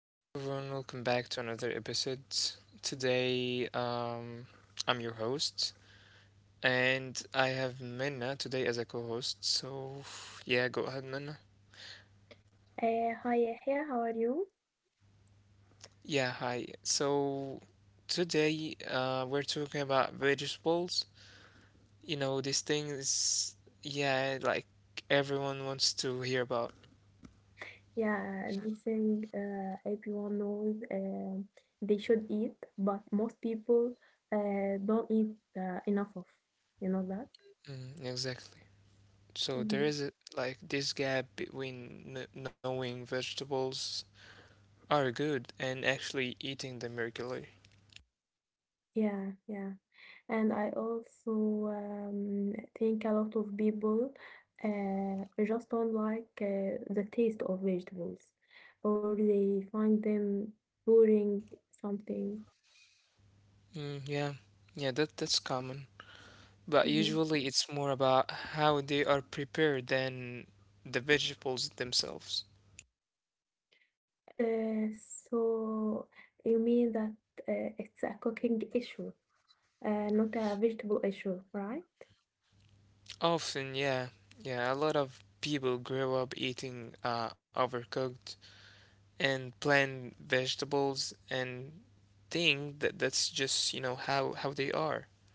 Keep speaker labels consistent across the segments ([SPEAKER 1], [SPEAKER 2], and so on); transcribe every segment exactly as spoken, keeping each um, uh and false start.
[SPEAKER 1] Hi everyone, welcome back to another episode. Today, um, I'm your host, and I have Minna today as a co-host. So, yeah, go ahead, Minna.
[SPEAKER 2] Uh, hi Yahya, how are you?
[SPEAKER 1] Yeah, hi. So, today, uh, we're talking about vegetables. You know, these things, yeah, like everyone wants to hear about.
[SPEAKER 2] Yeah, we think uh, everyone knows uh, they should eat, but most people uh, don't eat uh, enough of, you know that?
[SPEAKER 1] Mm, exactly. So there is
[SPEAKER 2] Hmm.
[SPEAKER 1] a, like this gap between kn knowing vegetables are good and actually eating them regularly.
[SPEAKER 2] Yeah, yeah. And I also um, think a lot of people uh, just don't like uh, the taste of vegetables, or they find them boring something.
[SPEAKER 1] Mm, yeah, yeah, that that's common. But
[SPEAKER 2] Mm-hmm.
[SPEAKER 1] usually it's more about how they are prepared than the vegetables themselves.
[SPEAKER 2] Uh, so you mean that uh, it's a cooking issue, uh, not a vegetable issue, right?
[SPEAKER 1] Often, yeah, yeah, a lot of people grow up eating uh, overcooked and plain vegetables and think that that's just, you know, how how they are.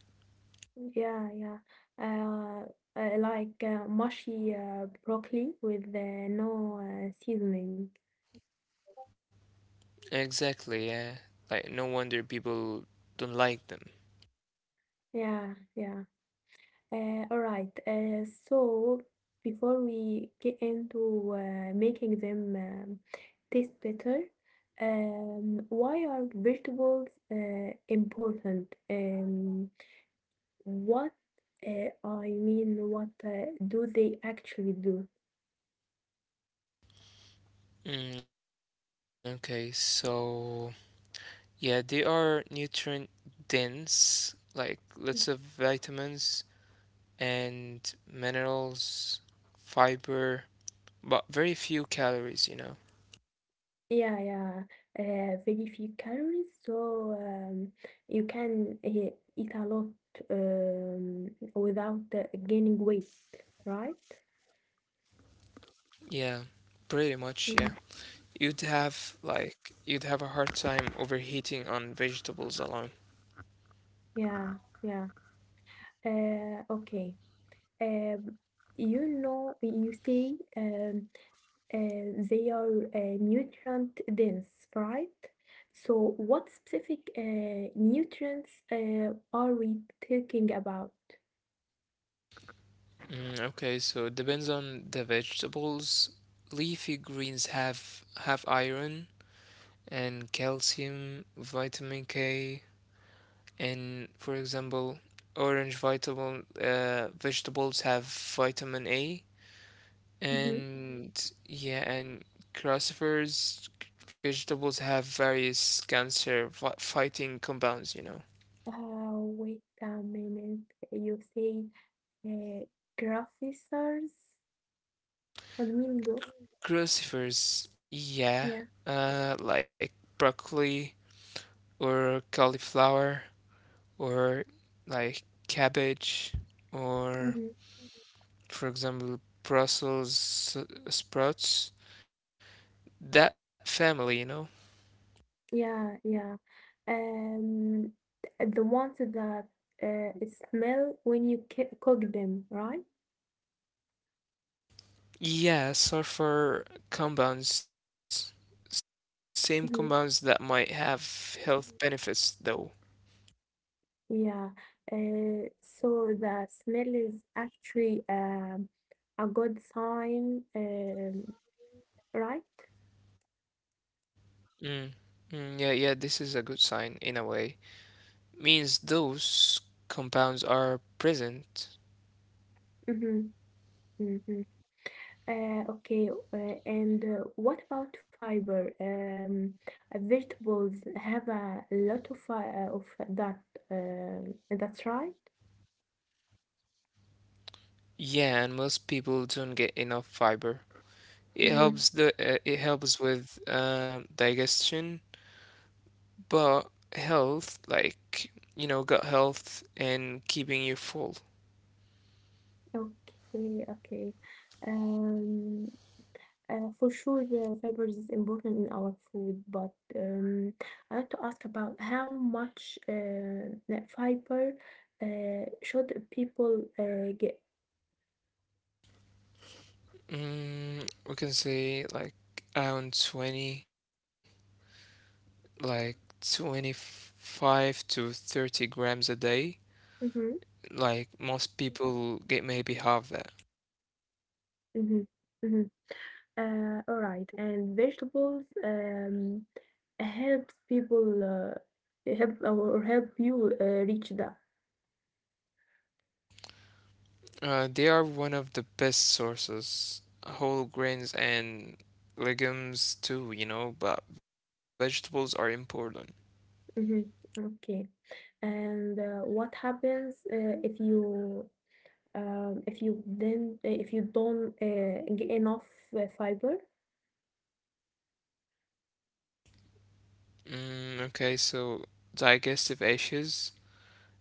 [SPEAKER 2] Yeah, yeah. Uh, uh, like uh, mushy uh, broccoli with uh, no uh, seasoning.
[SPEAKER 1] Exactly, yeah. Like no wonder people don't like them.
[SPEAKER 2] Yeah, yeah. Uh, all right. Uh, so before we get into uh, making them um, taste better, um, why are vegetables uh, important? Um, What uh, I mean, what uh, do they actually do?
[SPEAKER 1] Mm, okay, so yeah, they are nutrient dense, like lots of vitamins and minerals, fiber, but very few calories, you know.
[SPEAKER 2] Yeah, yeah, uh, very few calories, so um, you can uh, eat a lot um, without uh, gaining weight, right?
[SPEAKER 1] Yeah, pretty much, yeah. You'd
[SPEAKER 2] Hmm.
[SPEAKER 1] have like you'd have a hard time overheating on vegetables alone.
[SPEAKER 2] Yeah, yeah. Uh, okay. Uh, you know, you say um, Uh, they are uh, nutrient dense, right? So, what specific uh, nutrients uh, are we talking about?
[SPEAKER 1] Mm, okay, so it depends on the vegetables. Leafy greens have have iron and calcium, vitamin K, and for example, orange vegetable uh, vegetables have vitamin A,
[SPEAKER 2] Mm-hmm.
[SPEAKER 1] and yeah, and crucifers vegetables have various cancer fi- fighting compounds, you know.
[SPEAKER 2] Uh, wait a minute. You say uh, graphicers? What do you mean go?
[SPEAKER 1] Crucifers, yeah,
[SPEAKER 2] Yeah.
[SPEAKER 1] uh, like broccoli or cauliflower or like cabbage or,
[SPEAKER 2] Mm-hmm.
[SPEAKER 1] for example, Brussels s- sprouts. That family, you know.
[SPEAKER 2] Yeah, yeah. Um, the ones that uh, smell when you ca- cook them, right?
[SPEAKER 1] Yeah, sulfur compounds, same
[SPEAKER 2] Hmm.
[SPEAKER 1] compounds that might have health benefits though.
[SPEAKER 2] Yeah. Uh, so the smell is actually um, a good sign, um, right?
[SPEAKER 1] Mm. Mm, yeah, yeah, this is a good sign in a way. Means those compounds are present.
[SPEAKER 2] Mm-hmm. Mm-hmm. Uh, okay. Uh, and uh, What about fiber? Um, uh, vegetables have a lot of fi- uh, of that. Um, that's right.
[SPEAKER 1] Yeah, and most people don't get enough fiber. It helps the uh, it helps with uh, digestion, but health, like you know, gut health and keeping you full.
[SPEAKER 2] Okay, okay. Um, uh, for sure, uh, fibers is important in our food, but um, I want to ask about how much uh, that fiber uh, should people uh, get?
[SPEAKER 1] Mm, we can say like around twenty. Like twenty-five to thirty grams a day.
[SPEAKER 2] Mm-hmm,
[SPEAKER 1] Like most people get maybe half that.
[SPEAKER 2] mm-hmm, mm-hmm. Uh, all right, and vegetables um, helps people uh, help or help you uh, reach that.
[SPEAKER 1] Uh, they are one of the best sources. Whole grains and legumes too, you know, but vegetables are important.
[SPEAKER 2] Mhm. Okay. And uh, what happens uh, if you um, if you then uh, if you don't uh, get enough uh, fiber?
[SPEAKER 1] Mm, okay, so digestive issues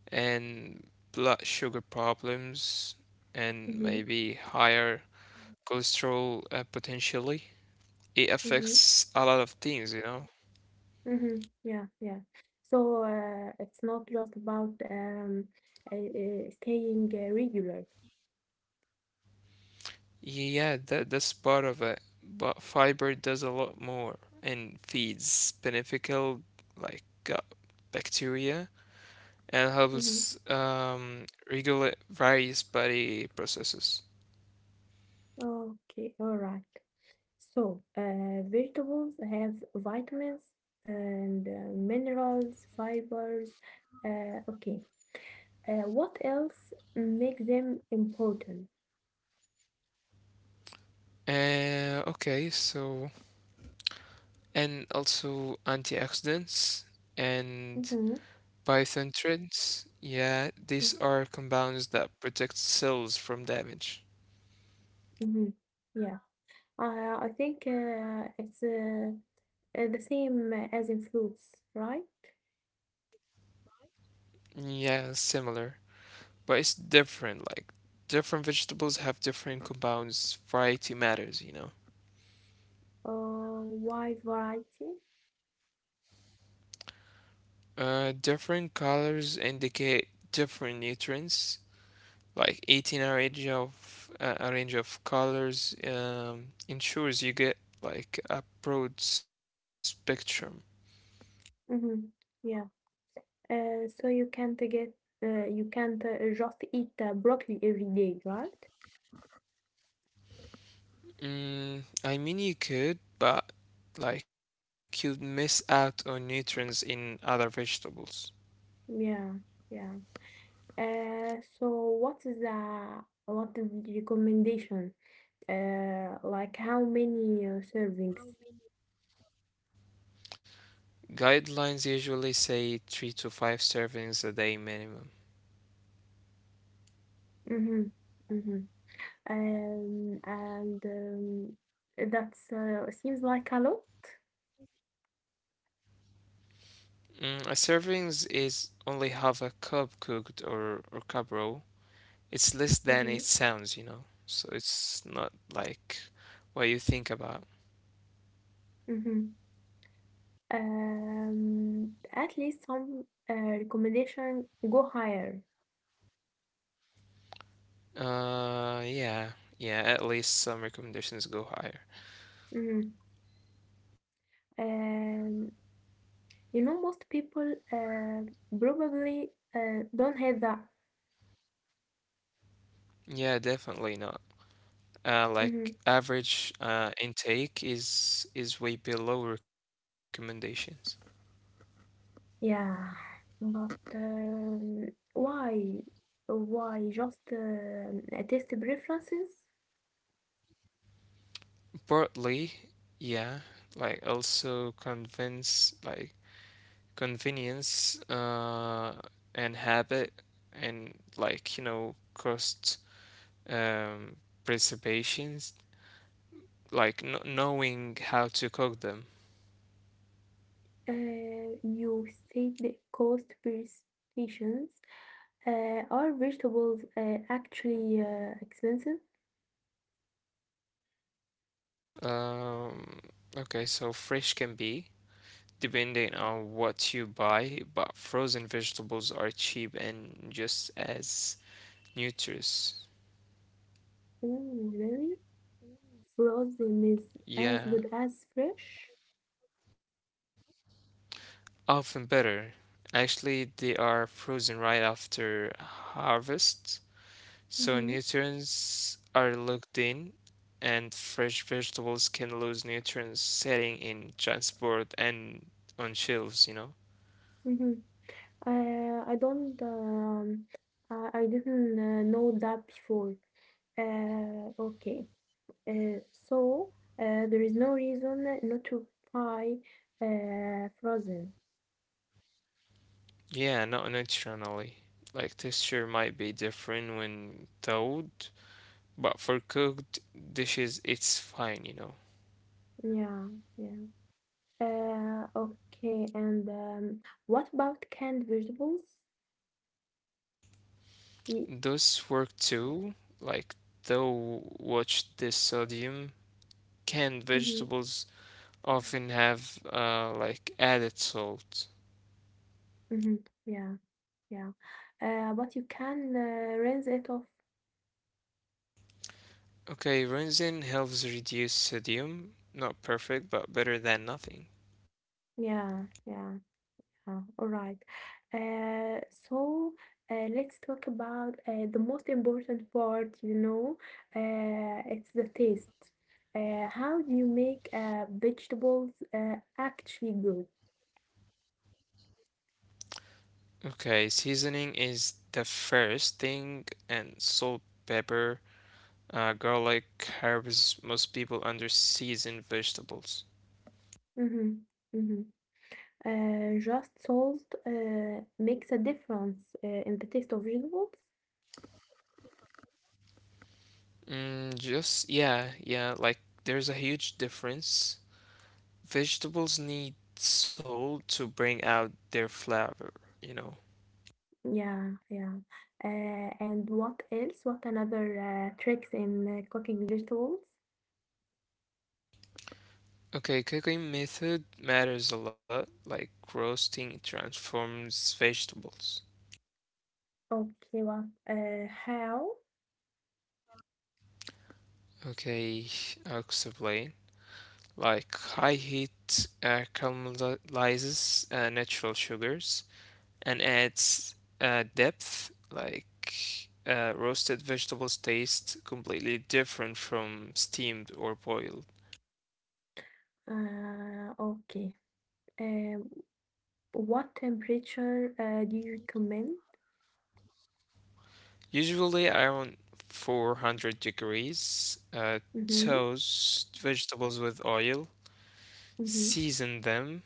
[SPEAKER 1] and blood sugar problems and
[SPEAKER 2] Mm-hmm.
[SPEAKER 1] maybe higher cholesterol uh, potentially. It
[SPEAKER 2] Mm-hmm.
[SPEAKER 1] affects a lot of things, you know.
[SPEAKER 2] Mm-hmm. Yeah, yeah. So uh, it's not just about um, uh, uh, staying uh, regular.
[SPEAKER 1] Yeah, that that's part of it. But fiber does a lot more and feeds beneficial like uh, bacteria and
[SPEAKER 2] Mm-hmm.
[SPEAKER 1] helps um, regulate various body processes.
[SPEAKER 2] Okay, all right. So uh, vegetables have vitamins and uh, minerals, fibers. Uh, okay. Uh, what else make them important?
[SPEAKER 1] Uh, okay, so and also antioxidants and
[SPEAKER 2] Mm-hmm.
[SPEAKER 1] biotin. Yeah, these are compounds that protect cells from damage.
[SPEAKER 2] Mm-hmm. Yeah, uh, I think uh, it's uh, uh, the same as in fruits, right?
[SPEAKER 1] Yeah, similar, but it's different. Like different vegetables have different compounds. Variety matters, you know.
[SPEAKER 2] Uh, wide variety.
[SPEAKER 1] Uh, different colors indicate different nutrients. Like eating a range of uh, a range of colors um, ensures you get like a broad spectrum.
[SPEAKER 2] Mm-hmm. Yeah. Uh, so you can't get uh, you can't uh, just eat uh, broccoli every day, right?
[SPEAKER 1] Mm, I mean, you could, but like you'd miss out on nutrients in other vegetables.
[SPEAKER 2] Yeah. Yeah. Uh, so what is the what is the recommendation? Uh, like how many uh, servings?
[SPEAKER 1] Guidelines usually say three to five servings a day minimum.
[SPEAKER 2] Mhm, mhm. Um, and um, that's uh, seems like a lot.
[SPEAKER 1] Mm, a servings is only half a cup cooked or or cup raw. It's less than it
[SPEAKER 2] Mm-hmm,
[SPEAKER 1] sounds, you know. So it's not like what you think about.
[SPEAKER 2] mm-hmm. Um, at least some uh, recommendation go higher.
[SPEAKER 1] Uh, yeah, yeah. At least some recommendations go higher.
[SPEAKER 2] Mm-hmm. Um, you know, most people uh, probably uh, don't have that.
[SPEAKER 1] Yeah, definitely not. Uh, like
[SPEAKER 2] Mm-hmm.
[SPEAKER 1] average uh, intake is is way below recommendations.
[SPEAKER 2] Yeah, but um, why? Why just um, uh, test preferences?
[SPEAKER 1] Broadly, yeah. Like also convince like convenience uh, and habit and like you know cost um, preservations like kn knowing how to cook them.
[SPEAKER 2] Uh, you said the cost per stations. Uh, are vegetables uh, actually uh, expensive?
[SPEAKER 1] um, okay, so fresh can be depending on what you buy, but frozen vegetables are cheap and just as nutritious.
[SPEAKER 2] Oh, really? Frozen is as
[SPEAKER 1] Yeah,
[SPEAKER 2] good as fresh?
[SPEAKER 1] often better actually. They are frozen right after harvest. So
[SPEAKER 2] Mm-hmm.
[SPEAKER 1] nutrients are locked in, and fresh vegetables can lose nutrients setting in transport and on shelves, you know?
[SPEAKER 2] Mm-hmm. Uh, I don't. Um, I I didn't uh, know that before. Uh, okay. Uh, so uh, there is no reason not to buy uh, frozen.
[SPEAKER 1] Yeah, not nutritionally. Like texture might be different when thawed, but for cooked dishes it's fine, you know.
[SPEAKER 2] Yeah. Yeah. Uh, okay, and um, what about canned vegetables? Ye-
[SPEAKER 1] Those work too, like though watch the sodium. Canned
[SPEAKER 2] mhm,
[SPEAKER 1] vegetables often have uh, like added salt.
[SPEAKER 2] mhm, yeah, yeah. Uh, but you can uh, rinse it off.
[SPEAKER 1] Okay, Rinsin helps reduce sodium. Not perfect, but better than nothing.
[SPEAKER 2] Yeah, yeah, yeah. All right. Uh, so uh, let's talk about uh, the most important part, you know, uh, it's the taste. Uh, how do you make uh, vegetables uh, actually good?
[SPEAKER 1] Okay, seasoning is the first thing, and salt, pepper, uh, garlic, herbs. Most people under seasoned vegetables.
[SPEAKER 2] Mm-hmm, mm-hmm. Uh, just salt uh, makes a difference uh, in the taste of vegetables.
[SPEAKER 1] Mm, just, yeah, yeah, like there's a huge difference. Vegetables need salt to bring out their flavor, you know.
[SPEAKER 2] Yeah, yeah. Uh, and what else? What another uh, tricks in uh, cooking vegetables?
[SPEAKER 1] Okay, cooking method matters a lot, like roasting transforms vegetables.
[SPEAKER 2] Okay, what? Uh, how?
[SPEAKER 1] Okay, I'll explain. Like high heat uh, caramelizes uh, natural sugars and adds uh, depth, like uh, roasted vegetables taste completely different from steamed or boiled.
[SPEAKER 2] Uh, okay. Um, what temperature uh, do you recommend?
[SPEAKER 1] Usually around four hundred degrees, uh,
[SPEAKER 2] Mm-hmm.
[SPEAKER 1] toast vegetables with oil,
[SPEAKER 2] Mm-hmm.
[SPEAKER 1] season them,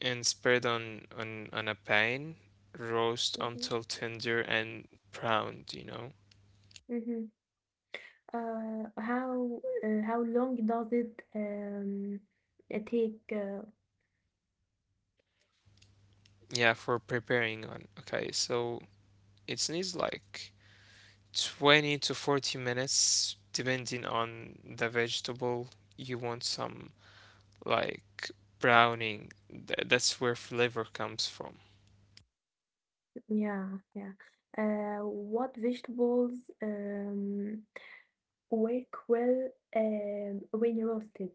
[SPEAKER 1] and spread on on on a pan. Roast
[SPEAKER 2] Mm-hmm.
[SPEAKER 1] until tender and browned, you know?
[SPEAKER 2] Mm-hmm. Uh, how uh, how long does it um uh, take? Uh,
[SPEAKER 1] Yeah, for preparing on. Okay, so it needs like twenty to forty minutes depending on the vegetable. You want some like browning. Th- that's where flavor comes from.
[SPEAKER 2] Yeah, yeah. Uh, what vegetables um, work well um, when roasted?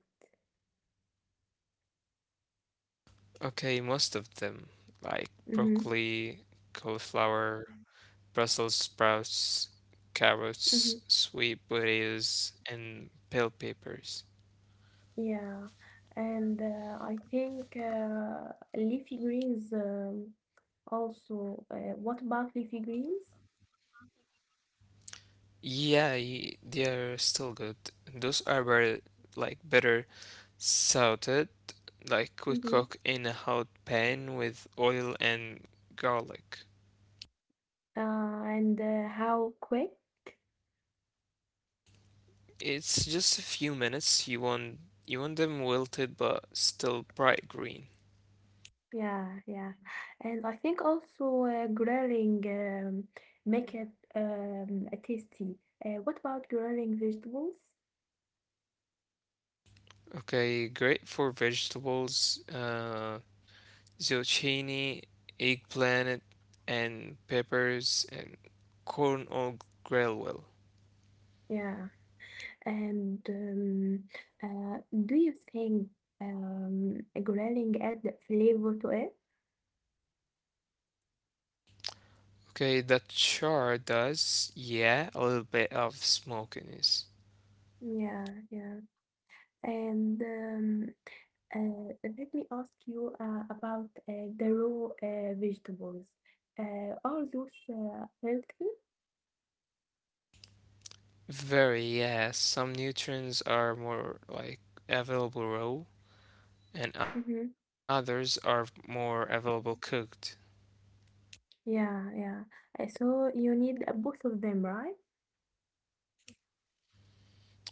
[SPEAKER 1] Okay, most of them like
[SPEAKER 2] Hmm.
[SPEAKER 1] broccoli, cauliflower, Brussels sprouts,
[SPEAKER 2] Hmm.
[SPEAKER 1] carrots, sweet potatoes, and bell peppers.
[SPEAKER 2] Yeah, and uh, I think uh, leafy greens um, also. Uh, what about leafy greens?
[SPEAKER 1] Yeah, y- they are still good. Those are very, like better salted, like we
[SPEAKER 2] Hmm.
[SPEAKER 1] cook in a hot pan with oil and garlic.
[SPEAKER 2] Uh, and uh, How quick?
[SPEAKER 1] It's just a few minutes. You want you want them wilted but still bright green.
[SPEAKER 2] Yeah, yeah. And I think also uh, grilling um, make it um, tasty. Uh, what about grilling vegetables?
[SPEAKER 1] Okay, great for vegetables. Uh, zucchini, eggplant, and peppers and corn or grill well.
[SPEAKER 2] Yeah, and um, uh, do you think um, grilling adds flavor to it?
[SPEAKER 1] Okay, that char does, yeah, a little bit of smokiness.
[SPEAKER 2] Yeah, yeah. And um, uh, let me ask you uh, about uh, the raw uh, vegetables. Uh, are those uh, healthy?
[SPEAKER 1] Very, yeah, some nutrients are more like available raw and
[SPEAKER 2] Mm-hmm.
[SPEAKER 1] others are more available cooked.
[SPEAKER 2] Yeah, yeah. Uh, So you need uh, both of them, right?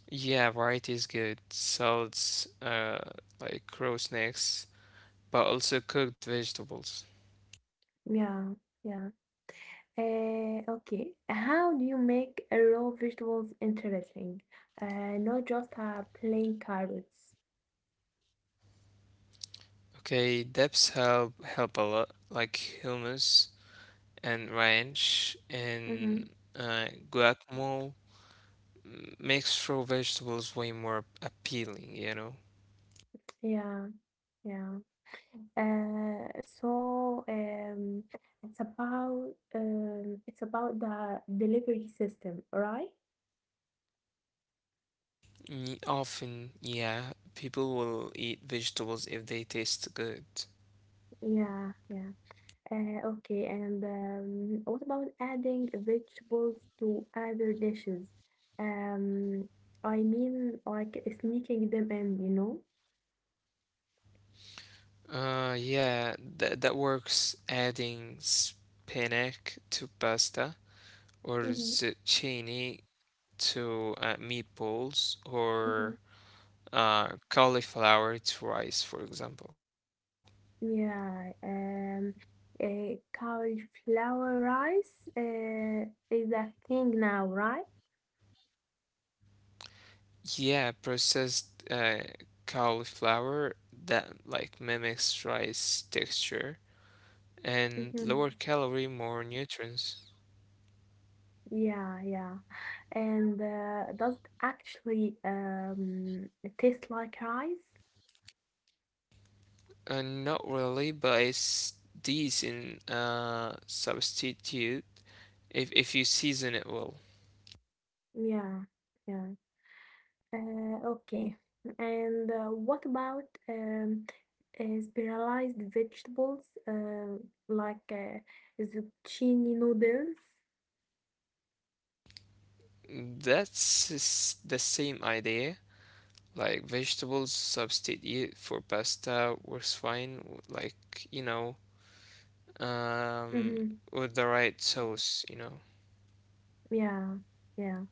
[SPEAKER 1] Yeah, variety is good. Salads, uh, like raw snacks, but also cooked vegetables.
[SPEAKER 2] Yeah, yeah. Uh, okay, how do you make uh, raw vegetables interesting? Uh, not just uh, plain carrots.
[SPEAKER 1] Okay, depths help help a lot, like humus and ranch
[SPEAKER 2] Mm-hmm.
[SPEAKER 1] and uh, guacamole m- makes raw vegetables way more appealing, you know.
[SPEAKER 2] Yeah, yeah. Uh, so um, it's about um, it's about the delivery system, right?
[SPEAKER 1] Mm, often, yeah, people will eat vegetables if they taste good.
[SPEAKER 2] Yeah, yeah. Uh, okay, and um, what about adding vegetables to other dishes? Um, I mean, like sneaking them in, you know?
[SPEAKER 1] Uh, yeah, that that works. Adding spinach to pasta or
[SPEAKER 2] Mm-hmm.
[SPEAKER 1] zucchini to uh, meatballs or
[SPEAKER 2] Mm-hmm.
[SPEAKER 1] uh, cauliflower to rice, for example.
[SPEAKER 2] Yeah, um, uh, cauliflower rice uh, is a thing now, right?
[SPEAKER 1] Yeah, processed uh, cauliflower that like mimics rice texture and
[SPEAKER 2] Hmm.
[SPEAKER 1] lower calorie, more nutrients.
[SPEAKER 2] Yeah, yeah. And uh, does it actually um, taste like rice?
[SPEAKER 1] Uh, not really, but it's decent uh, substitute if if you season it well.
[SPEAKER 2] Yeah, yeah. Uh, okay. And uh, what about um, uh, spiralized vegetables uh, like uh, zucchini noodles?
[SPEAKER 1] That's s- the same idea. Like vegetables substitute for pasta works fine. w- Like you know, um,
[SPEAKER 2] Mm-hmm.
[SPEAKER 1] with the right sauce, you know.
[SPEAKER 2] Yeah, yeah.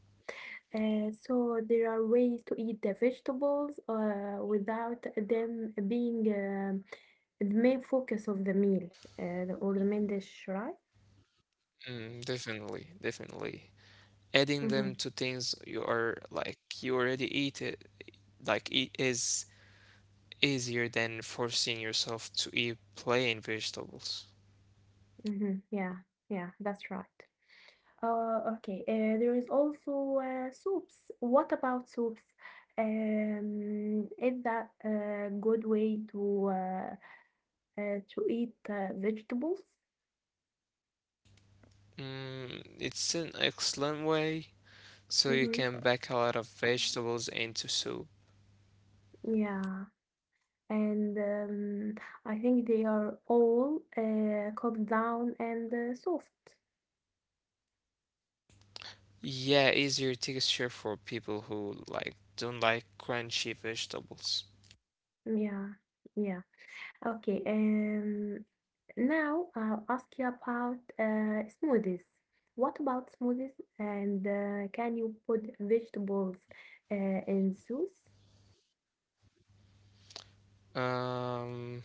[SPEAKER 2] Uh, so there are ways to eat the vegetables uh, without them being um the main focus of the meal uh, the- or the main dish, right?
[SPEAKER 1] Mm, definitely, definitely. Adding them
[SPEAKER 2] Mm-hmm,
[SPEAKER 1] to things you are like you already eat it, like it is easier than forcing yourself to eat plain vegetables.
[SPEAKER 2] mm-hmm, yeah, yeah, that's right. Uh, okay, uh, there is also uh, soups. What about soups? Um, is that a good way to uh, uh, to eat uh, vegetables?
[SPEAKER 1] Mm, it's an excellent way, so you
[SPEAKER 2] Mm-hmm,
[SPEAKER 1] can pack a lot of vegetables into soup.
[SPEAKER 2] yeah. And um, I think they are all uh, cooked down and uh, soft.
[SPEAKER 1] Yeah, easier texture for people who like don't like crunchy vegetables.
[SPEAKER 2] Yeah, yeah. Okay. Um, now I'll ask you about uh, smoothies. What about smoothies? And uh, can you put vegetables uh, in juice?
[SPEAKER 1] Um,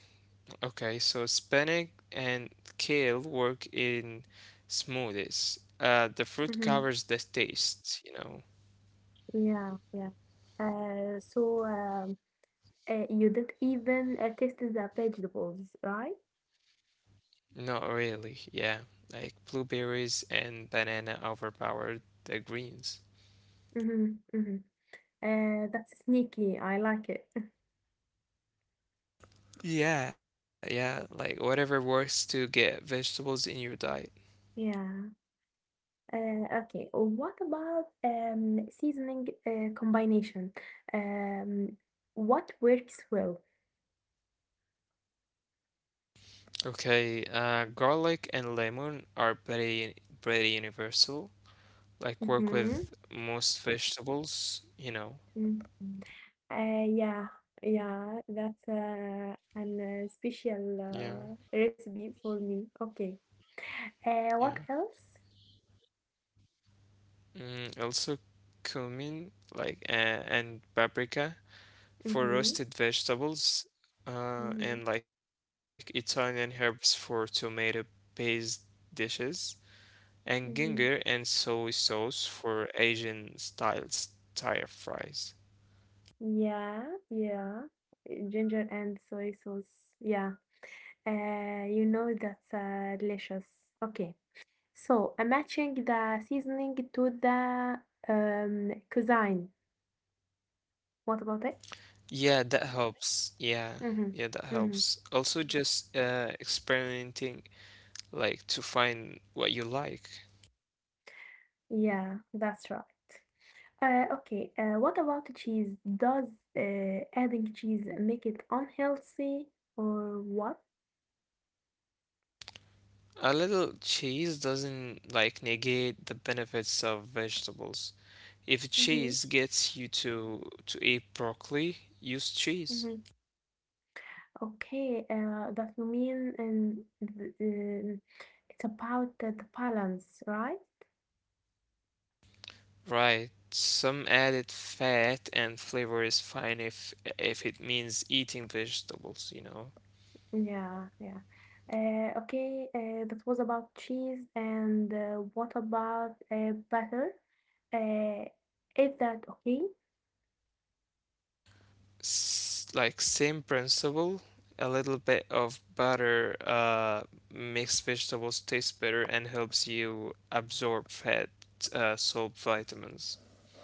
[SPEAKER 1] Okay, so spinach and kale work in smoothies. Uh, the fruit
[SPEAKER 2] Hmm.
[SPEAKER 1] covers the taste, you know.
[SPEAKER 2] Yeah, yeah. Uh, so um, uh, you didn't even uh, taste the vegetables, right?
[SPEAKER 1] Not really, yeah. Like blueberries and banana overpower the greens.
[SPEAKER 2] Mm-hmm, mm-hmm. Uh, that's sneaky. I like it.
[SPEAKER 1] Yeah, yeah, like whatever works to get vegetables in your diet.
[SPEAKER 2] Yeah. Uh, okay. What about um, seasoning uh, combination? Um, what works well?
[SPEAKER 1] Okay, uh, garlic and lemon are pretty pretty universal. Like
[SPEAKER 2] Mm-hmm.
[SPEAKER 1] work with most vegetables, you know.
[SPEAKER 2] Mm. Uh, yeah. Yeah. That's uh, an uh, special
[SPEAKER 1] Yeah,
[SPEAKER 2] uh, recipe for me. Okay. Uh, what
[SPEAKER 1] yeah.
[SPEAKER 2] else?
[SPEAKER 1] Mm, also cumin like uh, and paprika
[SPEAKER 2] Mm-hmm.
[SPEAKER 1] for roasted vegetables
[SPEAKER 2] Mm-hmm.
[SPEAKER 1] uh, and like Italian herbs for tomato based dishes and
[SPEAKER 2] Mm-hmm.
[SPEAKER 1] ginger and soy sauce for Asian styles Thai fries.
[SPEAKER 2] Yeah, yeah. Uh, Ginger and soy sauce. Yeah. Uh, you know that's uh, delicious. Okay. So, I'm matching the seasoning to the um, cuisine. What about it?
[SPEAKER 1] Yeah, that helps. Yeah,
[SPEAKER 2] Mm-hmm.
[SPEAKER 1] yeah, that
[SPEAKER 2] Mm-hmm.
[SPEAKER 1] helps. Also just uh, experimenting like to find what you like.
[SPEAKER 2] Yeah, that's right. Uh, okay, uh, what about cheese? Does uh, adding cheese make it unhealthy or what?
[SPEAKER 1] A little cheese doesn't like negate the benefits of vegetables. If
[SPEAKER 2] Mm-hmm.
[SPEAKER 1] cheese gets you to to eat broccoli, use cheese.
[SPEAKER 2] Mm-hmm. Okay, uh, that you mean and th- um, it's about the the balance, right?
[SPEAKER 1] Right. Some added fat and flavor is fine if if it means eating vegetables, you know.
[SPEAKER 2] Yeah, yeah. Uh, okay, uh, that was about cheese, and uh, what about uh, butter? Uh, is that okay?
[SPEAKER 1] S Like same principle, a little bit of butter uh makes vegetables taste better and helps you absorb fat, uh, salt, vitamins.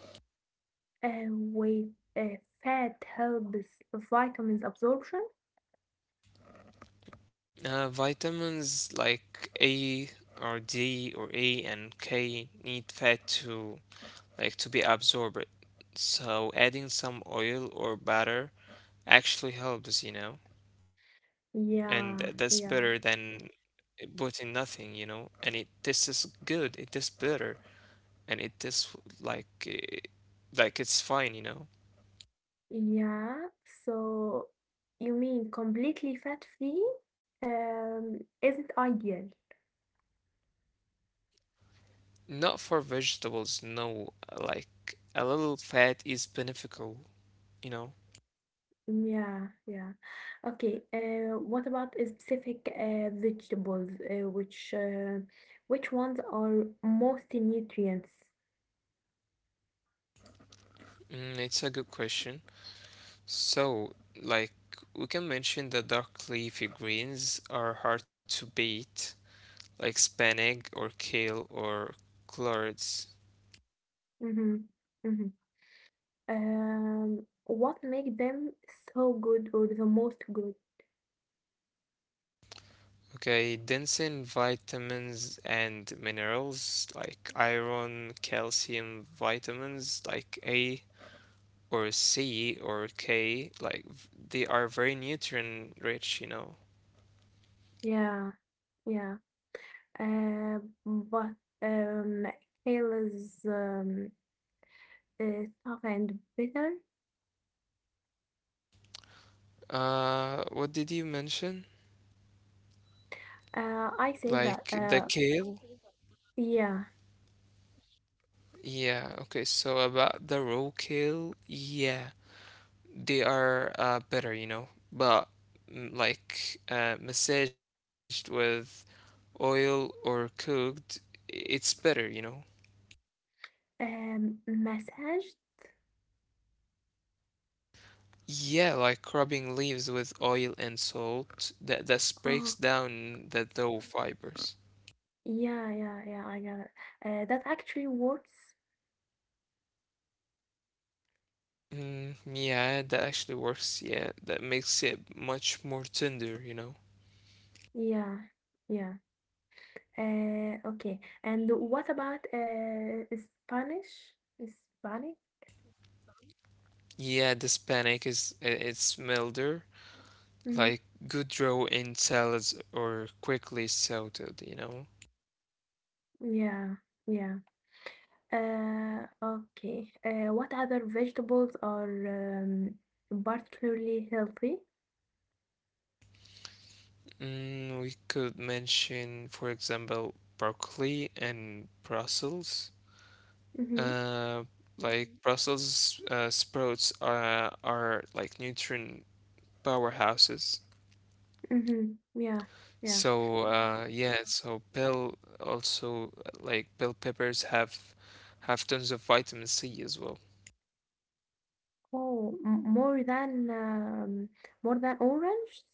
[SPEAKER 2] Uh, with uh, fat helps vitamins absorption?
[SPEAKER 1] Uh, vitamins like A or D or E and K need fat to like to be absorbed. So adding some oil or butter actually helps, you know, and th- that's better
[SPEAKER 2] Yeah,
[SPEAKER 1] than
[SPEAKER 2] yeah,
[SPEAKER 1] putting nothing, you know, and it tastes good, it tastes better, and it tastes like eh, like it's fine, you know.
[SPEAKER 2] yeah. So you mean completely fat-free um, isn't ideal?
[SPEAKER 1] Not for vegetables, no, like a little fat is beneficial, you know.
[SPEAKER 2] Yeah, yeah. Okay. Uh, what about a specific uh, vegetables? Uh, which uh, which ones are most nutrients?
[SPEAKER 1] Mm, it's a good question. So, like, we can mention that dark leafy greens are hard to beat, like spinach or kale or collards.
[SPEAKER 2] Mm-hmm. Mm-hmm. Um, what make them so good or the most good?
[SPEAKER 1] Okay, dense in vitamins and minerals like iron, calcium, vitamins like A or C or K, like v- they are very nutrient rich, you know.
[SPEAKER 2] Yeah, yeah. Uh, but um, kale is um, uh, tough and bitter.
[SPEAKER 1] Uh, what did you mention?
[SPEAKER 2] Uh, I say that.
[SPEAKER 1] Like the
[SPEAKER 2] Uh,
[SPEAKER 1] kale?
[SPEAKER 2] yeah.
[SPEAKER 1] Yeah, okay, so about the roadkill, yeah, they are uh better, you know, but mm, like uh massaged with oil or cooked, i- it's better, you know.
[SPEAKER 2] Um, massage.
[SPEAKER 1] Yeah, like rubbing leaves with oil and salt, that that breaks
[SPEAKER 2] Oh,
[SPEAKER 1] down the dough fibers.
[SPEAKER 2] yeah, yeah, yeah, I got it. Uh, that actually works.
[SPEAKER 1] Mm, yeah, that actually works. Yeah, that makes it much more tender, you know.
[SPEAKER 2] Yeah, yeah. Uh, okay. And what about uh, Spanish? Hispanic?
[SPEAKER 1] Yeah, the Hispanic is i- it's milder
[SPEAKER 2] Hmm.
[SPEAKER 1] like good raw in salads or quickly sauteed, you know.
[SPEAKER 2] Yeah, yeah. Uh, okay. Uh, what other vegetables are um, particularly healthy?
[SPEAKER 1] Mm, we could mention, for example, broccoli and Brussels.
[SPEAKER 2] Mm-hmm.
[SPEAKER 1] Uh, like Brussels uh, sprouts are are like nutrient powerhouses.
[SPEAKER 2] Mm-hmm. Yeah,
[SPEAKER 1] So
[SPEAKER 2] yeah.
[SPEAKER 1] uh, yeah, so bell also uh, like bell peppers have have tons of vitamin C as well.
[SPEAKER 2] Oh, m- more than um, more than orange?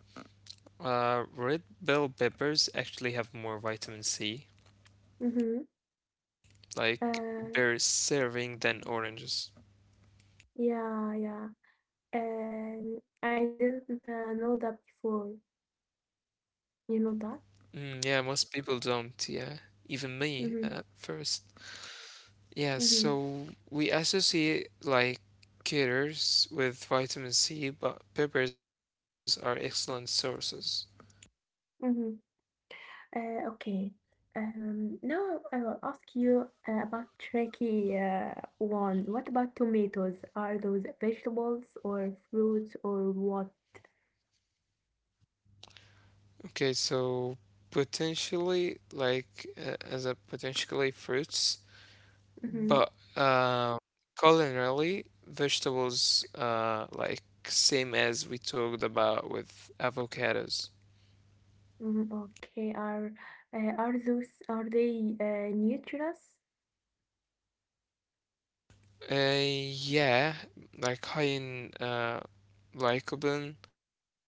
[SPEAKER 1] Uh, red bell peppers actually have more vitamin C
[SPEAKER 2] Mm-hmm.
[SPEAKER 1] like beer
[SPEAKER 2] Uh,
[SPEAKER 1] serving than oranges.
[SPEAKER 2] yeah, yeah. Um, I didn't uh, know that before. You know that?
[SPEAKER 1] Mm, yeah, most people don't. Yeah, even me
[SPEAKER 2] Mm-hmm.
[SPEAKER 1] at first. Yeah,
[SPEAKER 2] Mm-hmm.
[SPEAKER 1] so we associate like caters with vitamin C, but peppers are excellent sources.
[SPEAKER 2] Mm-hmm. Uh, okay. Um, now I will ask you uh, about tricky uh, one. What about tomatoes? Are those vegetables or fruits or what?
[SPEAKER 1] Okay, so potentially like uh, as a potentially fruits,
[SPEAKER 2] Mm-hmm.
[SPEAKER 1] but um, culinarily vegetables uh like same as we talked about with avocados.
[SPEAKER 2] Mm. Okay. Are uh, are those are they uh, nutritious?
[SPEAKER 1] Uh, yeah, like high in uh, lycopene,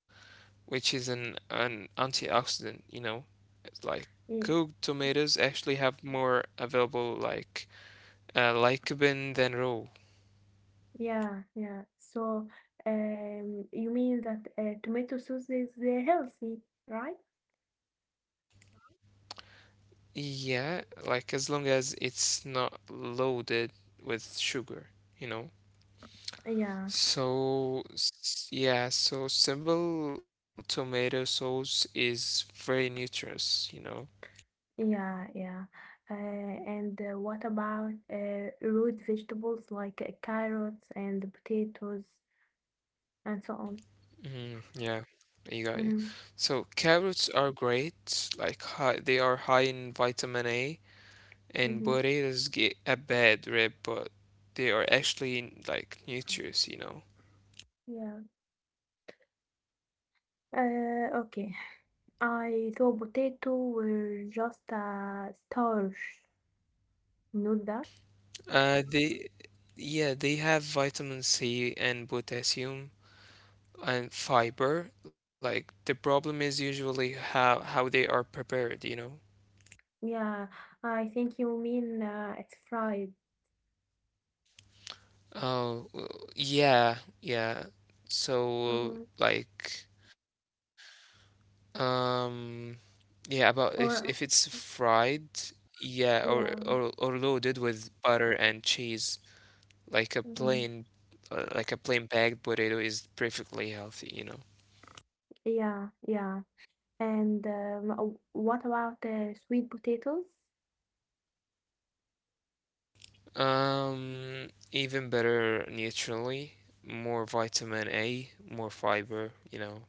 [SPEAKER 1] which is an an antioxidant, you know. It's like cooked
[SPEAKER 2] Ye-
[SPEAKER 1] tomatoes actually have more available like uh, lycopene than raw.
[SPEAKER 2] Yeah, yeah. So, um, you mean that uh, tomato sauce is uh, healthy, right?
[SPEAKER 1] Yeah, like as long as it's not loaded with sugar, you know.
[SPEAKER 2] Yeah,
[SPEAKER 1] So s- yeah, so simple tomato sauce is very nutritious, you know.
[SPEAKER 2] yeah, yeah. Uh, and uh, What about uh, root vegetables like uh, carrots and potatoes and so on?
[SPEAKER 1] Mm, yeah, you got you.
[SPEAKER 2] Mm-hmm.
[SPEAKER 1] So carrots are great, like high, they are high in vitamin A, and
[SPEAKER 2] Mm-hmm.
[SPEAKER 1] potatoes get a bad rep, but they are actually like nutritious, you know.
[SPEAKER 2] Yeah. Uh, okay. I thought potato were just a starch, not that.
[SPEAKER 1] Uh, they, yeah, they have vitamin C and potassium and fiber. Like the problem is usually how how they are prepared, you know.
[SPEAKER 2] Yeah, I think you mean uh, it's fried.
[SPEAKER 1] Oh, w- yeah, yeah. So
[SPEAKER 2] Mm-hmm.
[SPEAKER 1] like. Um, yeah, about if if it's
[SPEAKER 2] Or
[SPEAKER 1] fried, yeah, or or
[SPEAKER 2] yeah.
[SPEAKER 1] or loaded with butter and cheese, like a plain,
[SPEAKER 2] Mm-hmm.
[SPEAKER 1] uh, like a plain bagged potato is perfectly healthy, you know.
[SPEAKER 2] Yeah, yeah. And um, uh, what about uh, sweet potatoes?
[SPEAKER 1] Um, even better nutritionally, more vitamin A, more fiber, you know.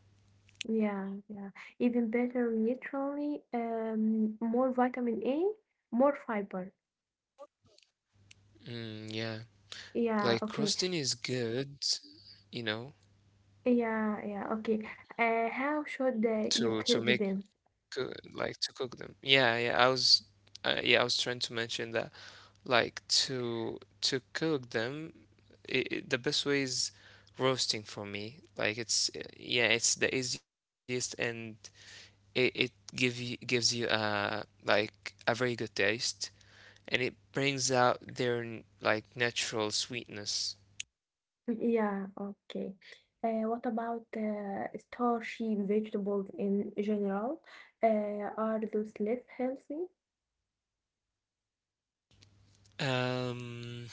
[SPEAKER 2] Yeah, yeah. Even better literally, um, more vitamin A, more fiber.
[SPEAKER 1] Mm, yeah,
[SPEAKER 2] Yeah,
[SPEAKER 1] like
[SPEAKER 2] okay.
[SPEAKER 1] crusting is good, you know,
[SPEAKER 2] Yeah, yeah, okay. Uh, how should uh, you
[SPEAKER 1] to to
[SPEAKER 2] cook
[SPEAKER 1] make
[SPEAKER 2] them?
[SPEAKER 1] coo- like to cook them. Yeah, yeah, I was, uh, yeah, I was trying to mention that. Like to to cook them, i i- the best way is roasting for me, like it's uh, yeah, it's the easiest and it, it give you gives you a like a very good taste, and it brings out their n- like natural sweetness.
[SPEAKER 2] Yeah, okay. Uh, what about uh, starchy vegetables in general? Uh, are those less healthy?
[SPEAKER 1] um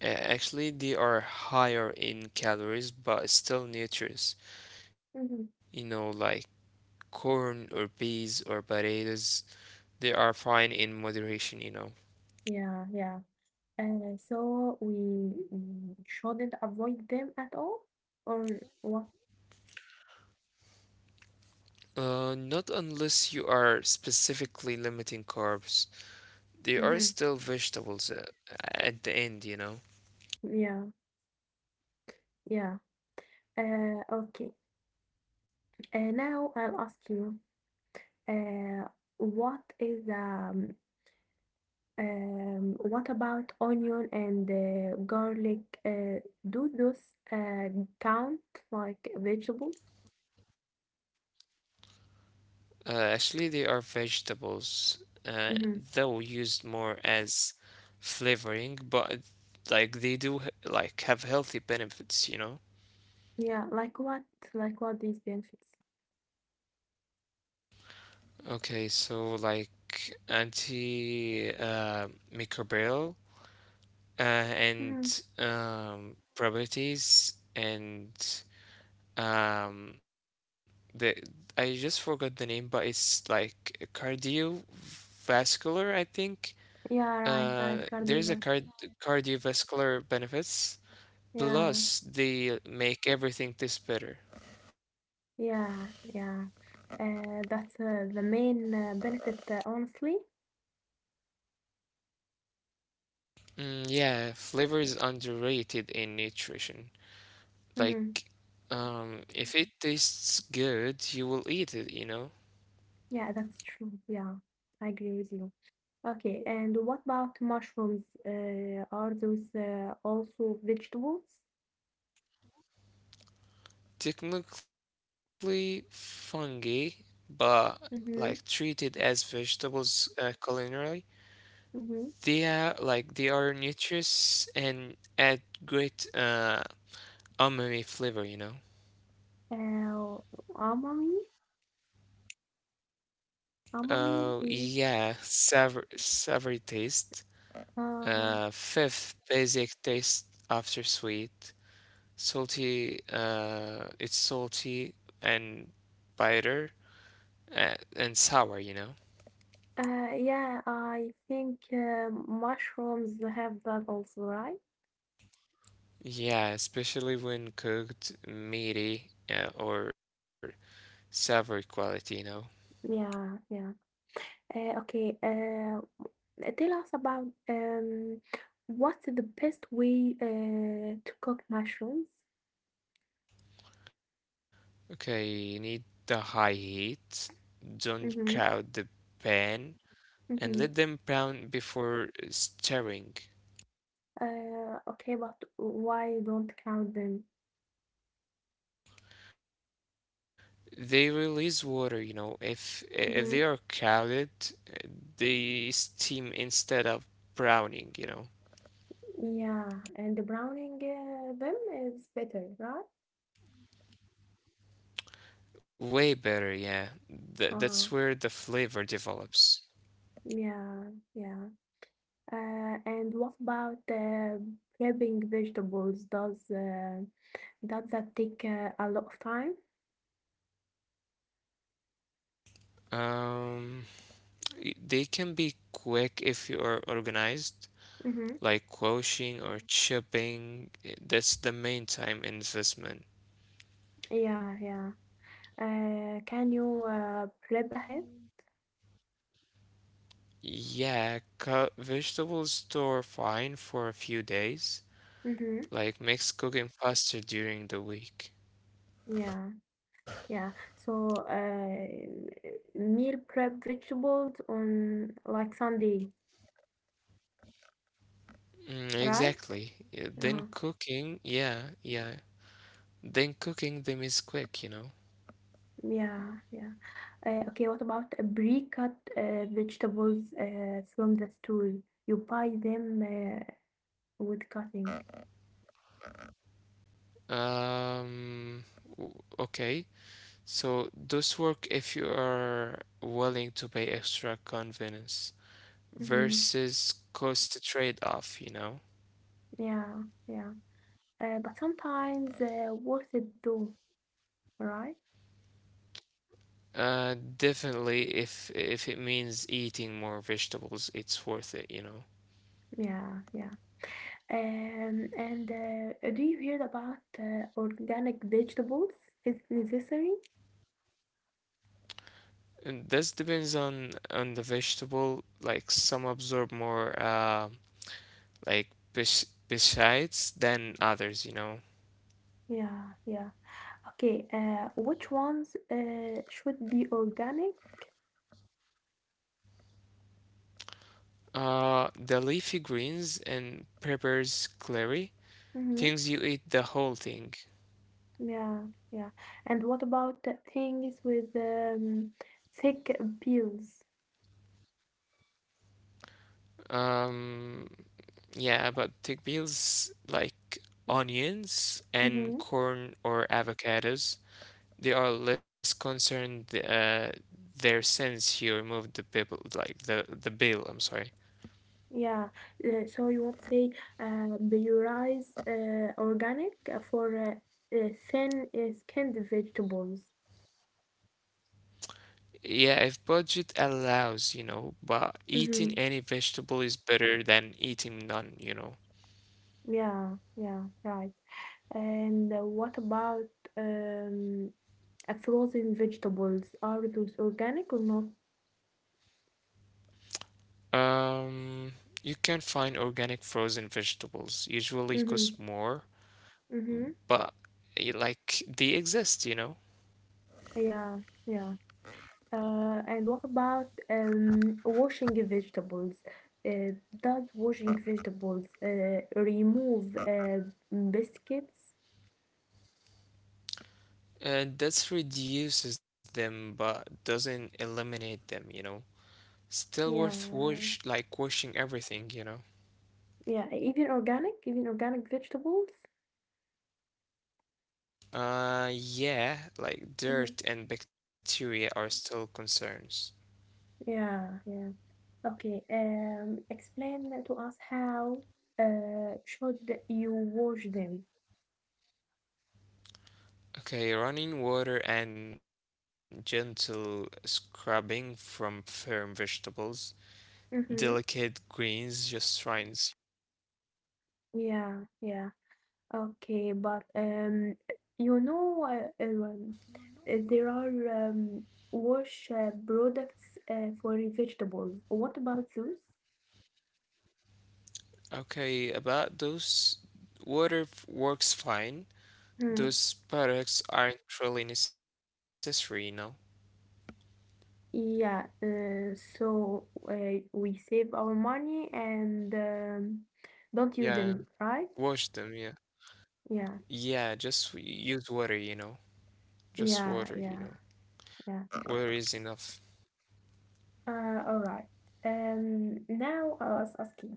[SPEAKER 1] a- Actually they are higher in calories but still nutritious, you know,
[SPEAKER 2] Hmm.
[SPEAKER 1] like corn or peas or potatoes. They are fine in moderation, you know.
[SPEAKER 2] Yeah, yeah. Uh, so we mm, shouldn't avoid them at all, or what?
[SPEAKER 1] Uh, not unless you are specifically limiting carbs. They are
[SPEAKER 2] Mm-hmm.
[SPEAKER 1] still vegetables uh, at the end, you know.
[SPEAKER 2] Yeah, yeah. Uh, okay. Uh, now I'll ask you, uh, what is um, um, what about onion and uh, garlic? Uh, do those uh, count like vegetables?
[SPEAKER 1] Uh, actually, they are vegetables, uh,
[SPEAKER 2] Mm-hmm.
[SPEAKER 1] though used more as flavoring, but like they do h- like have healthy benefits, you know.
[SPEAKER 2] Yeah, like what? Like what these benefits?
[SPEAKER 1] Okay, so like anti uh, microbial uh,
[SPEAKER 2] Mm-hmm.
[SPEAKER 1] and um, properties. And Um, the I just forgot the name, but it's like cardiovascular, I think.
[SPEAKER 2] Yeah, right,
[SPEAKER 1] Uh,
[SPEAKER 2] right.
[SPEAKER 1] there's a card
[SPEAKER 2] Cardiovascular.
[SPEAKER 1] cardiovascular benefits,
[SPEAKER 2] Yeah,
[SPEAKER 1] plus they make everything taste better.
[SPEAKER 2] yeah, yeah. Uh, that's uh, the main uh, benefit, uh, honestly.
[SPEAKER 1] Mm, yeah, flavor is underrated in nutrition.
[SPEAKER 2] Mm-hmm.
[SPEAKER 1] Like, um, if it tastes good, you will eat it, you know?
[SPEAKER 2] Yeah, that's true. Yeah, I agree with you. Okay, and what about mushrooms? Uh, are those uh, also vegetables?
[SPEAKER 1] Technically fungi, but like treated
[SPEAKER 2] Mm-hmm.
[SPEAKER 1] as vegetables uh, culinarily. They
[SPEAKER 2] Mm-hmm.
[SPEAKER 1] are like they are nutritious and add great uh umami flavor, you know.
[SPEAKER 2] Uh, Amami? Amami?
[SPEAKER 1] Oh
[SPEAKER 2] is-
[SPEAKER 1] yeah, savory, savory taste.
[SPEAKER 2] Uh-huh.
[SPEAKER 1] Uh, fifth basic taste after sweet. Salty. Uh, it's salty and bitter uh, and sour. You know.
[SPEAKER 2] Uh, yeah, I think uh, mushrooms have that also, right?
[SPEAKER 1] Yeah, especially when cooked, meaty uh, or savory quality. You know.
[SPEAKER 2] Yeah, yeah. Uh, okay, uh, tell us about um, what's the best way uh, to cook mushrooms?
[SPEAKER 1] Okay, you need the high heat. Don't
[SPEAKER 2] Mm-hmm.
[SPEAKER 1] crowd the pan
[SPEAKER 2] Mm-hmm.
[SPEAKER 1] and let them brown before stirring.
[SPEAKER 2] Uh, okay, but why don't count them?
[SPEAKER 1] They release water, you know. If if
[SPEAKER 2] Hmm.
[SPEAKER 1] they are crowded, uh, they steam instead of browning, you know.
[SPEAKER 2] Yeah, and the browning uh, them is better, right?
[SPEAKER 1] Way better, yeah. Th
[SPEAKER 2] Uh-huh.
[SPEAKER 1] That's where the flavor develops.
[SPEAKER 2] Yeah, yeah. Uh, and what about uh, prepping vegetables? Does uh, does that take uh, a lot of time?
[SPEAKER 1] Um, y- they can be quick if you are organized,
[SPEAKER 2] Mm-hmm.
[SPEAKER 1] like quashing or chipping. i- That's the main time investment.
[SPEAKER 2] Yeah, yeah. Uh, can you uh, prep ahead?
[SPEAKER 1] Yeah, cut vegetables store fine for a few days.
[SPEAKER 2] Mm-hmm.
[SPEAKER 1] Like makes cooking faster during the week.
[SPEAKER 2] Yeah, yeah. So uh, meal prep vegetables on like Sunday,
[SPEAKER 1] Mm, exactly.
[SPEAKER 2] right?
[SPEAKER 1] Yeah, then
[SPEAKER 2] Uh-huh.
[SPEAKER 1] cooking, yeah, yeah. Then cooking them is quick, you know.
[SPEAKER 2] Yeah, yeah. Uh, okay, what about pre-cut uh, vegetables uh, from the store? You buy them uh, with cutting.
[SPEAKER 1] Um, w- okay. So those work if you are willing to pay extra, convenience
[SPEAKER 2] hmm
[SPEAKER 1] versus cost trade-off, you know.
[SPEAKER 2] Yeah, yeah. Uh, but sometimes uh, worth it too, right?
[SPEAKER 1] Uh, definitely, if if it means eating more vegetables, it's worth it, you know.
[SPEAKER 2] Yeah, yeah. Um, and uh, do you hear about uh, organic vegetables? Is it necessary?
[SPEAKER 1] And this depends on on the vegetable. Like some absorb more uh like pes pesticides than others, you know.
[SPEAKER 2] Yeah, yeah. Okay, uh, which ones uh, should be organic?
[SPEAKER 1] Uh, the leafy greens and peppers, clary,
[SPEAKER 2] Mm-hmm.
[SPEAKER 1] things you eat the whole thing.
[SPEAKER 2] Yeah, yeah. And what about the things with um, thick pills?
[SPEAKER 1] Um, yeah, but take meals like onions and
[SPEAKER 2] Mm-hmm.
[SPEAKER 1] corn or avocados. They are less concerned, uh, their sins, he removed the people like the the bill, I'm sorry.
[SPEAKER 2] Yeah. Uh, so you would say uh, prioritize uh, organic uh, for uh, uh, thin uh, skinned vegetables.
[SPEAKER 1] Yeah, if budget allows, you know, but eating
[SPEAKER 2] Mm-hmm.
[SPEAKER 1] any vegetable is better than eating none, you know.
[SPEAKER 2] Yeah, yeah, right. And uh, what about um, uh, frozen vegetables? Are those organic or not?
[SPEAKER 1] um you can find organic frozen vegetables, usually cost
[SPEAKER 2] Mm-hmm.
[SPEAKER 1] more,
[SPEAKER 2] Mm-hmm.
[SPEAKER 1] but eh, like they exist, you know.
[SPEAKER 2] Yeah, yeah. Uh, and what about um, washing vegetables? Uh, does washing vegetables uh, remove uh, biscuits?
[SPEAKER 1] And that reduces them but doesn't eliminate them, you know. Still
[SPEAKER 2] Yeah,
[SPEAKER 1] worth wash like washing everything, you know.
[SPEAKER 2] yeah, even organic, even organic vegetables?
[SPEAKER 1] Uh, yeah, like
[SPEAKER 2] Mhm.
[SPEAKER 1] dirt and bacteria are still concerns.
[SPEAKER 2] Yeah, yeah. Okay, um, explain to us how uh, should you wash them?
[SPEAKER 1] Okay, running water and gentle scrubbing from firm vegetables, delicate
[SPEAKER 2] Mm-hmm.
[SPEAKER 1] greens, just rinse.
[SPEAKER 2] Yeah, yeah. Okay, but um, you know, uh, um, there are um, wash uh, products uh, for vegetables. What about those?
[SPEAKER 1] Okay, about those, water f- works fine.
[SPEAKER 2] Hmm.
[SPEAKER 1] Those products aren't really necessary, you know?
[SPEAKER 2] Yeah, uh, so uh, we save our money and um, don't
[SPEAKER 1] Yeah,
[SPEAKER 2] use them, right?
[SPEAKER 1] wash them, yeah.
[SPEAKER 2] Yeah,
[SPEAKER 1] Yeah, just w- use water, you know? Just
[SPEAKER 2] yeah,
[SPEAKER 1] water, you
[SPEAKER 2] yeah,
[SPEAKER 1] know?
[SPEAKER 2] yeah.
[SPEAKER 1] Water is enough.
[SPEAKER 2] Uh, all right. Um, now I was asking.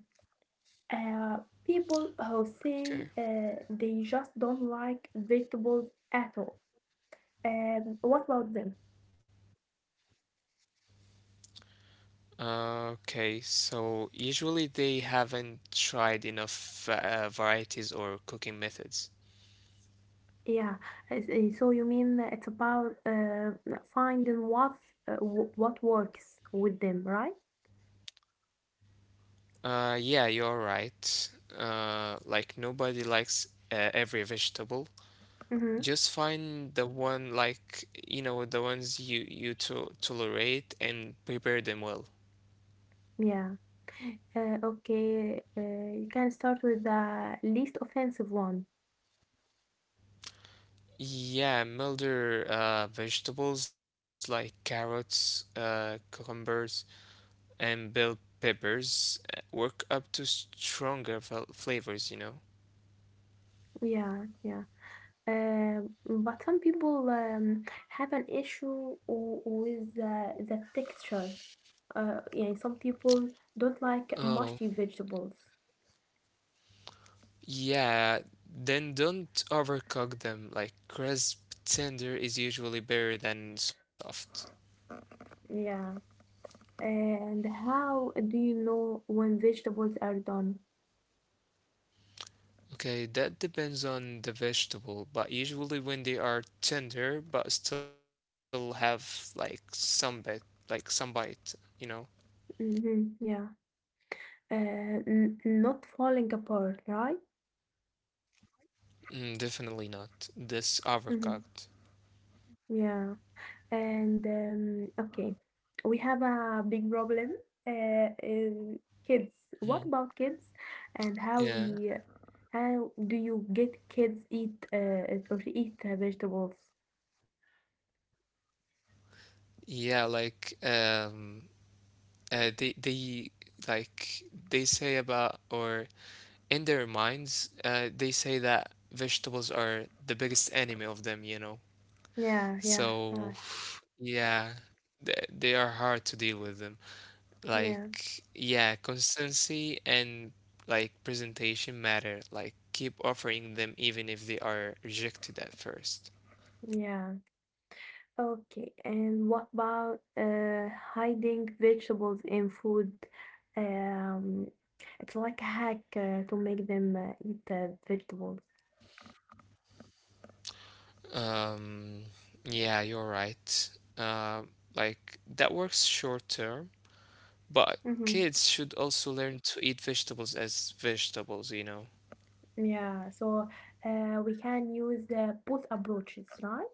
[SPEAKER 2] Uh, People who say
[SPEAKER 1] Okay.
[SPEAKER 2] uh, they just don't like vegetables at all. Um, what about them?
[SPEAKER 1] Okay, so usually they haven't tried enough uh, varieties or cooking methods.
[SPEAKER 2] Yeah, I see. So you mean it's about uh, finding what uh, w- what works with them, right?
[SPEAKER 1] Uh, yeah, you're right. Uh, like nobody likes uh, every vegetable.
[SPEAKER 2] Mm-hmm.
[SPEAKER 1] Just find the one, like you know the ones you you to tolerate and prepare them well.
[SPEAKER 2] Yeah. Uh, okay, uh, you can start with the least offensive one.
[SPEAKER 1] Yeah, milder uh, vegetables like carrots, uh, cucumbers, and bell peppers uh, work up to stronger fel- flavors, you know.
[SPEAKER 2] Yeah, yeah. Um, but some people um, have an issue w- with uh, the texture. Uh, yeah, some people don't like
[SPEAKER 1] Oh,
[SPEAKER 2] mushy vegetables.
[SPEAKER 1] yeah, then don't overcook them. Like crisp tender is usually better than soft.
[SPEAKER 2] Yeah. And how do you know when vegetables are done?
[SPEAKER 1] Okay, that depends on the vegetable, but usually when they are tender but still have like some bit, like some bite, you know.
[SPEAKER 2] Hmm yeah. Uh, n not falling apart, right?
[SPEAKER 1] Mm, definitely not. This
[SPEAKER 2] hmm
[SPEAKER 1] overcooked.
[SPEAKER 2] Yeah. And um, okay, we have a big problem. Uh, is kids. What
[SPEAKER 1] Hmm.
[SPEAKER 2] about kids? And how
[SPEAKER 1] Yeah.
[SPEAKER 2] we, how do you get kids eat uh, or eat uh, vegetables?
[SPEAKER 1] Yeah, like um uh, they they like they say about, or in their minds uh, they say that vegetables are the biggest enemy of them, you know.
[SPEAKER 2] Yeah, yeah,
[SPEAKER 1] So
[SPEAKER 2] right.
[SPEAKER 1] yeah, they, they are hard to deal with them,
[SPEAKER 2] Yeah.
[SPEAKER 1] like yeah, consistency and like presentation matter, like keep offering them even if they are rejected at first.
[SPEAKER 2] Yeah. Okay. And what about uh, hiding vegetables in food? Um, it's like a hack uh, to make them uh, eat uh, vegetables.
[SPEAKER 1] um yeah, you're right, uh, like that works short term. But
[SPEAKER 2] hmm
[SPEAKER 1] kids should also learn to eat vegetables as vegetables, you know.
[SPEAKER 2] Yeah. So uh, we can use uh, both approaches, right?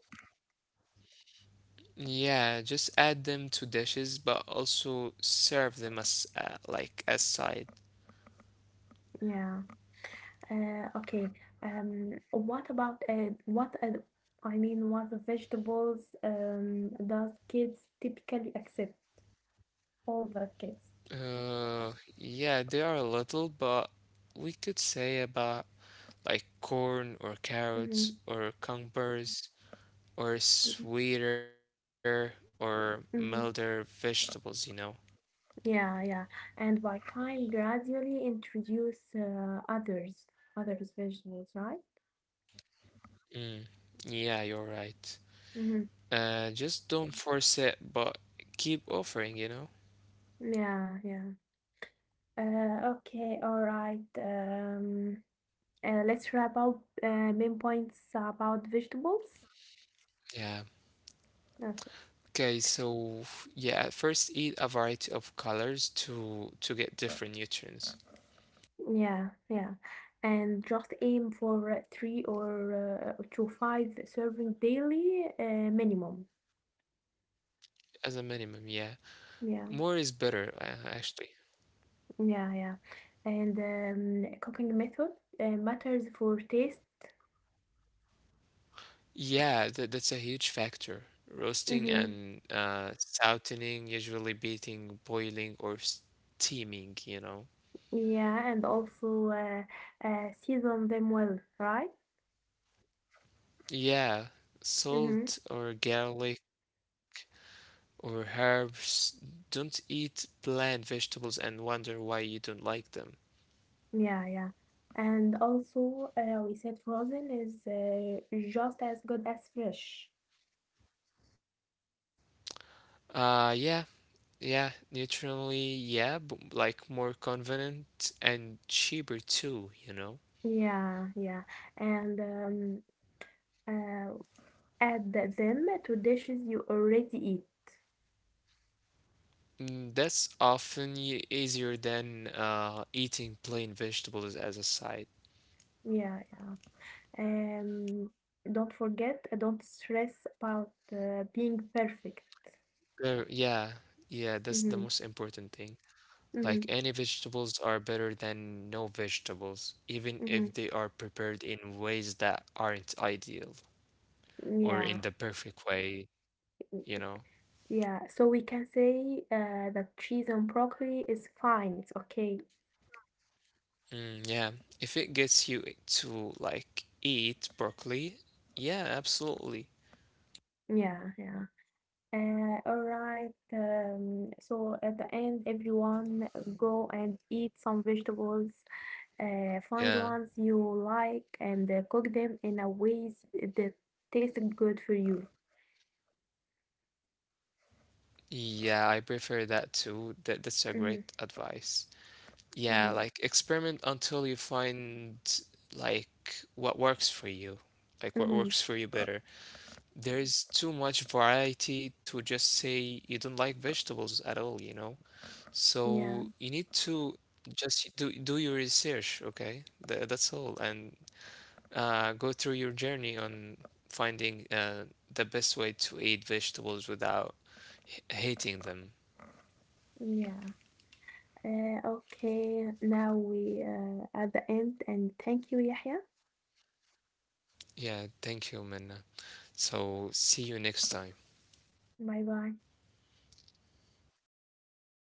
[SPEAKER 1] Yeah, just add them to dishes, but also serve them as uh, like as side.
[SPEAKER 2] Yeah. Uh, okay. Um, what about uh, what uh, I mean, what the vegetables um, does kids typically accept? All the kids.
[SPEAKER 1] Uh, yeah, they are little, but we could say about like corn or carrots
[SPEAKER 2] Mm-hmm.
[SPEAKER 1] or cucumbers or sweeter or milder vegetables, you know.
[SPEAKER 2] Yeah, yeah. And by time, gradually introduce uh, others, others vegetables, right?
[SPEAKER 1] Mm, yeah, you're right.
[SPEAKER 2] Mm-hmm.
[SPEAKER 1] Uh, just don't force it, but keep offering, you know.
[SPEAKER 2] Yeah, yeah. Uh, okay, all right. Um, uh, let's wrap up uh, main points about vegetables.
[SPEAKER 1] Yeah.
[SPEAKER 2] Okay.
[SPEAKER 1] Okay, so yeah, first eat a variety of colors to to get uh, different nutrients
[SPEAKER 2] Yeah, yeah. And just aim for uh, three or uh, to five serving daily uh, minimum.
[SPEAKER 1] as a minimum, yeah. More is
[SPEAKER 2] Yeah,
[SPEAKER 1] better, uh, actually.
[SPEAKER 2] yeah, yeah. And um, cooking method uh, matters for taste.
[SPEAKER 1] Yeah, that that's a huge factor. Roasting
[SPEAKER 2] Mm-hmm.
[SPEAKER 1] and uh sauteing, usually beating, boiling or steaming, you know.
[SPEAKER 2] Yeah, and also uh, uh, season them well, right?
[SPEAKER 1] Yeah,
[SPEAKER 2] Mm-hmm.
[SPEAKER 1] salt or garlic or herbs. Don't eat bland vegetables and wonder why you don't like them.
[SPEAKER 2] Yeah, yeah. And also, uh, we said frozen is uh, just as good as fresh.
[SPEAKER 1] Uh yeah. Yeah, neutrally, yeah, but like more convenient and cheaper too, you know?
[SPEAKER 2] Yeah, yeah. And um, uh, add them to dishes you already eat.
[SPEAKER 1] Mm, that's often e- easier than uh, eating plain vegetables as a side.
[SPEAKER 2] Yeah, yeah. Um, don't forget, uh, don't stress about uh, being perfect.
[SPEAKER 1] Uh, yeah, yeah, that's the
[SPEAKER 2] Mm-hmm.
[SPEAKER 1] most important thing.
[SPEAKER 2] Mm-hmm.
[SPEAKER 1] Like any vegetables are better than no vegetables, even
[SPEAKER 2] Mm-hmm.
[SPEAKER 1] if they are prepared in ways that aren't ideal or in
[SPEAKER 2] Yeah.
[SPEAKER 1] the perfect way, you know?
[SPEAKER 2] Yeah, so we can say uh, that cheese and broccoli is fine. It's okay.
[SPEAKER 1] Mm, yeah, if it gets you to like eat broccoli, yeah, absolutely.
[SPEAKER 2] Yeah, yeah. Uh, all right. Um, so at the end, everyone uh, go and eat some vegetables. Uh, find
[SPEAKER 1] Yeah.
[SPEAKER 2] ones you like and uh, cook them in a ways that taste good for you.
[SPEAKER 1] Yeah, I prefer that too. That that's a great
[SPEAKER 2] Mm-hmm,
[SPEAKER 1] advice. Yeah, like
[SPEAKER 2] mm-hmm,
[SPEAKER 1] experiment until you find like what works for you, like what works
[SPEAKER 2] mm-hmm.
[SPEAKER 1] for you Uh, better. There is too much variety to just say you don't like vegetables at all, you know?
[SPEAKER 2] Yeah,
[SPEAKER 1] So you need to just do do your research, okay? Th That's all. And uh, go through your journey on finding uh, the best way to eat vegetables without h- hating them.
[SPEAKER 2] yeah. Uh, okay. Now we uh, at the end and thank you, Yahya.
[SPEAKER 1] Yeah, thank you, Minna. So, see you next time.
[SPEAKER 2] Bye bye.
[SPEAKER 1] Bye.